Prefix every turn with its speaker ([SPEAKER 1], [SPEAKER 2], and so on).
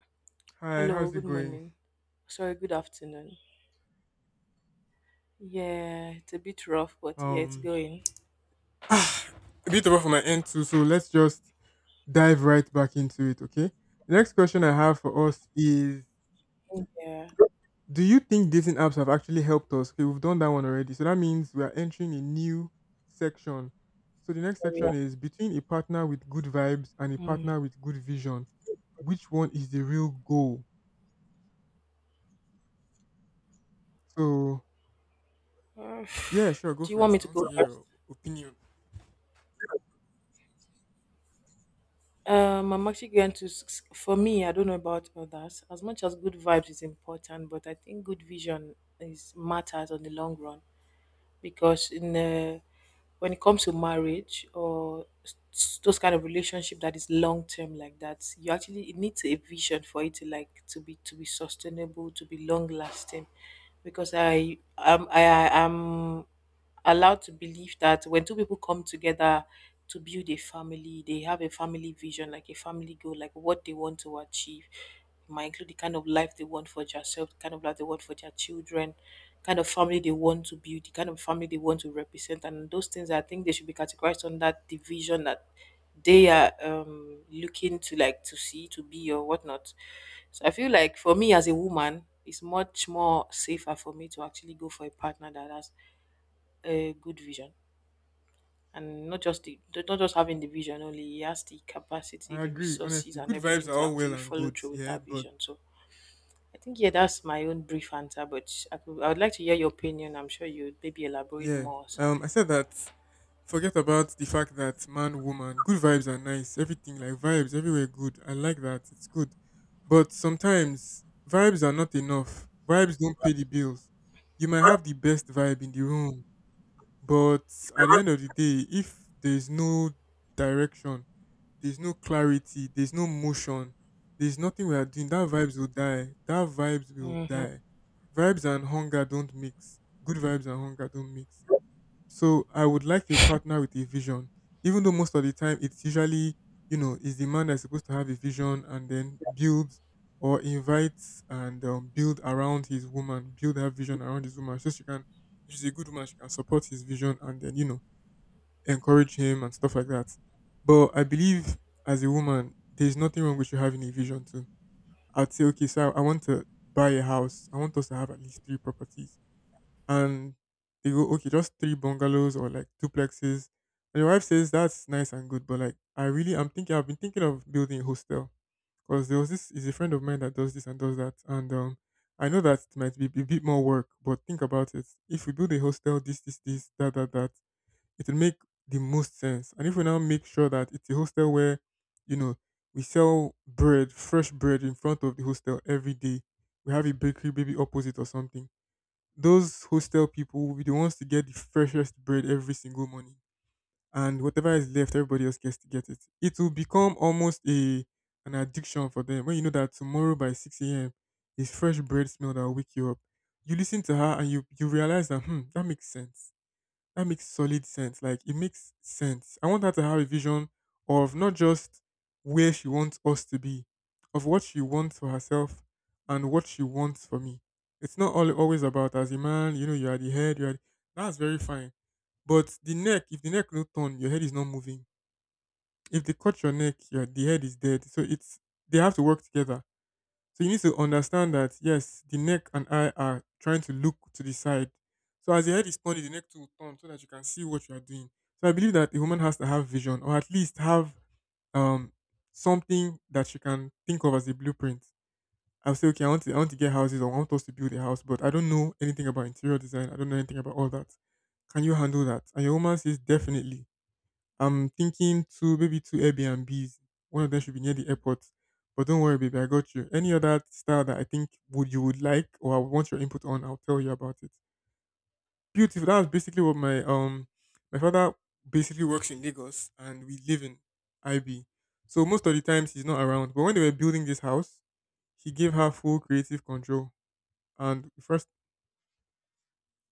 [SPEAKER 1] Hi,
[SPEAKER 2] Hello,
[SPEAKER 1] how's
[SPEAKER 2] good
[SPEAKER 1] it going?
[SPEAKER 2] morning. Sorry, good afternoon. Yeah, it's a bit rough, but yeah, it's
[SPEAKER 1] Um,
[SPEAKER 2] going.
[SPEAKER 1] ah, a bit over from my end too, so let's just dive right back into it, okay? The next question I have for us is,
[SPEAKER 2] Yeah,
[SPEAKER 1] do you think dating apps have actually helped us? Okay, we've done that one already. So that means we are entering a new section. So the next
[SPEAKER 2] here we are.
[SPEAKER 1] section is between a partner with good vibes and a
[SPEAKER 2] Mm.
[SPEAKER 1] partner with good vision, which one is the real goal? So,
[SPEAKER 2] Uh,
[SPEAKER 1] yeah, sure, go
[SPEAKER 2] Do you want me
[SPEAKER 1] first. I
[SPEAKER 2] to
[SPEAKER 1] want to
[SPEAKER 2] go
[SPEAKER 1] hear
[SPEAKER 2] first?
[SPEAKER 1] your opinion.
[SPEAKER 2] I'm actually going to, for me, I don't know about others. As much as good vibes is important, but I think good vision is matters on the long run because in when it comes to marriage or those kind of relationship that is long term like that you actually it needs a vision for it to like to be sustainable to be long lasting because I am allowed to believe that when two people come together to build a family, they have a family vision, like a family goal, like what they want to achieve. It might include the kind of life they want for themselves, the kind of life they want for their children, kind of family they want to build, the kind of family they want to represent, and those things I think they should be categorized on that division that they are looking to, like, to see to be or whatnot. So I feel like for me as a woman, it's much more safer for me to actually go for a partner that has a good vision, and not just the not just having the vision only, he has the capacity,
[SPEAKER 1] I
[SPEAKER 2] the
[SPEAKER 1] agree,
[SPEAKER 2] resources,
[SPEAKER 1] honestly.
[SPEAKER 2] and
[SPEAKER 1] Good vibes
[SPEAKER 2] everything
[SPEAKER 1] are
[SPEAKER 2] to
[SPEAKER 1] all well
[SPEAKER 2] actually
[SPEAKER 1] and
[SPEAKER 2] follow
[SPEAKER 1] good,
[SPEAKER 2] through with
[SPEAKER 1] yeah,
[SPEAKER 2] that
[SPEAKER 1] but
[SPEAKER 2] vision. So I think, yeah, that's my own brief answer, but I, could, I would like to hear your opinion. I'm sure you would maybe elaborate
[SPEAKER 1] yeah.
[SPEAKER 2] more or
[SPEAKER 1] I
[SPEAKER 2] something.
[SPEAKER 1] said that forget about the fact that man, woman, good vibes are nice. Everything like vibes everywhere good. I like that. It's good. But sometimes vibes are not enough. Vibes don't pay the bills. You might have the best vibe in the room, but at the end of the day, if there's no direction, there's no clarity, there's no motion, there's nothing we are doing, that vibes will die. That vibes will die. Vibes and hunger don't mix. Good vibes and hunger don't mix. So I would like a partner with a vision, even though most of the time it's usually, you know, is the man that's supposed to have a vision and then build or invites and build around his woman, build her vision around his woman, so she can, if she's a good woman, she can support his vision and then you know encourage him and stuff like that. But I believe as a woman, there's nothing wrong with you having a vision too. I'd say, okay, so I want to buy a house. I want us to have at least three properties and they go, okay, just three bungalows or like duplexes. And your wife says that's nice and good, but like I've been thinking of building a hostel because there was this is a friend of mine that does this and does that, and I know that it might be a bit more work, but think about it. If we build a hostel, this that that that, it will make the most sense. And if we now make sure that it's a hostel where, you know, we sell bread, fresh bread in front of the hostel every day. We have a bakery maybe opposite or something those hostel people will be the ones to get the freshest bread every single morning. And whatever is left, everybody else gets to get it. It will become almost a an addiction for them. When you know that tomorrow by 6 a.m. is fresh bread smell that will wake you up. You listen to her and you realize that, hmm, that makes sense that makes solid sense. Like it makes sense. I want her to have a vision of not just where she wants us to be, of what she wants for herself and what she wants for me. It's not all always about as a man, you know, you are the head, you are the, that's very fine. But the neck, if the neck no turn, your head is not moving. If they cut your neck, your the head is dead. So it's they have to work together. So you need to understand that yes, the neck and eye are trying to look to the side. So as the head is pointed, the neck too will turn so that you can see what you are doing. So I believe that a woman has to have vision or at least have um something that she can think of as a blueprint. I'll say, okay, I want to get houses or I want us to build a house, but I don't know anything about interior design. I don't know anything about all that. Can you handle that? And your woman says definitely. I'm thinking two, maybe two Airbnbs. One of them should be near the airport. But don't worry, baby, I got you. Any other style that I think would you would like or I would want your input on, I'll tell you about it. Beautiful. That's basically what my father basically works in Lagos and we live in IB. So most of the times he's not around. But when they were building this house, he gave her full creative control. And the first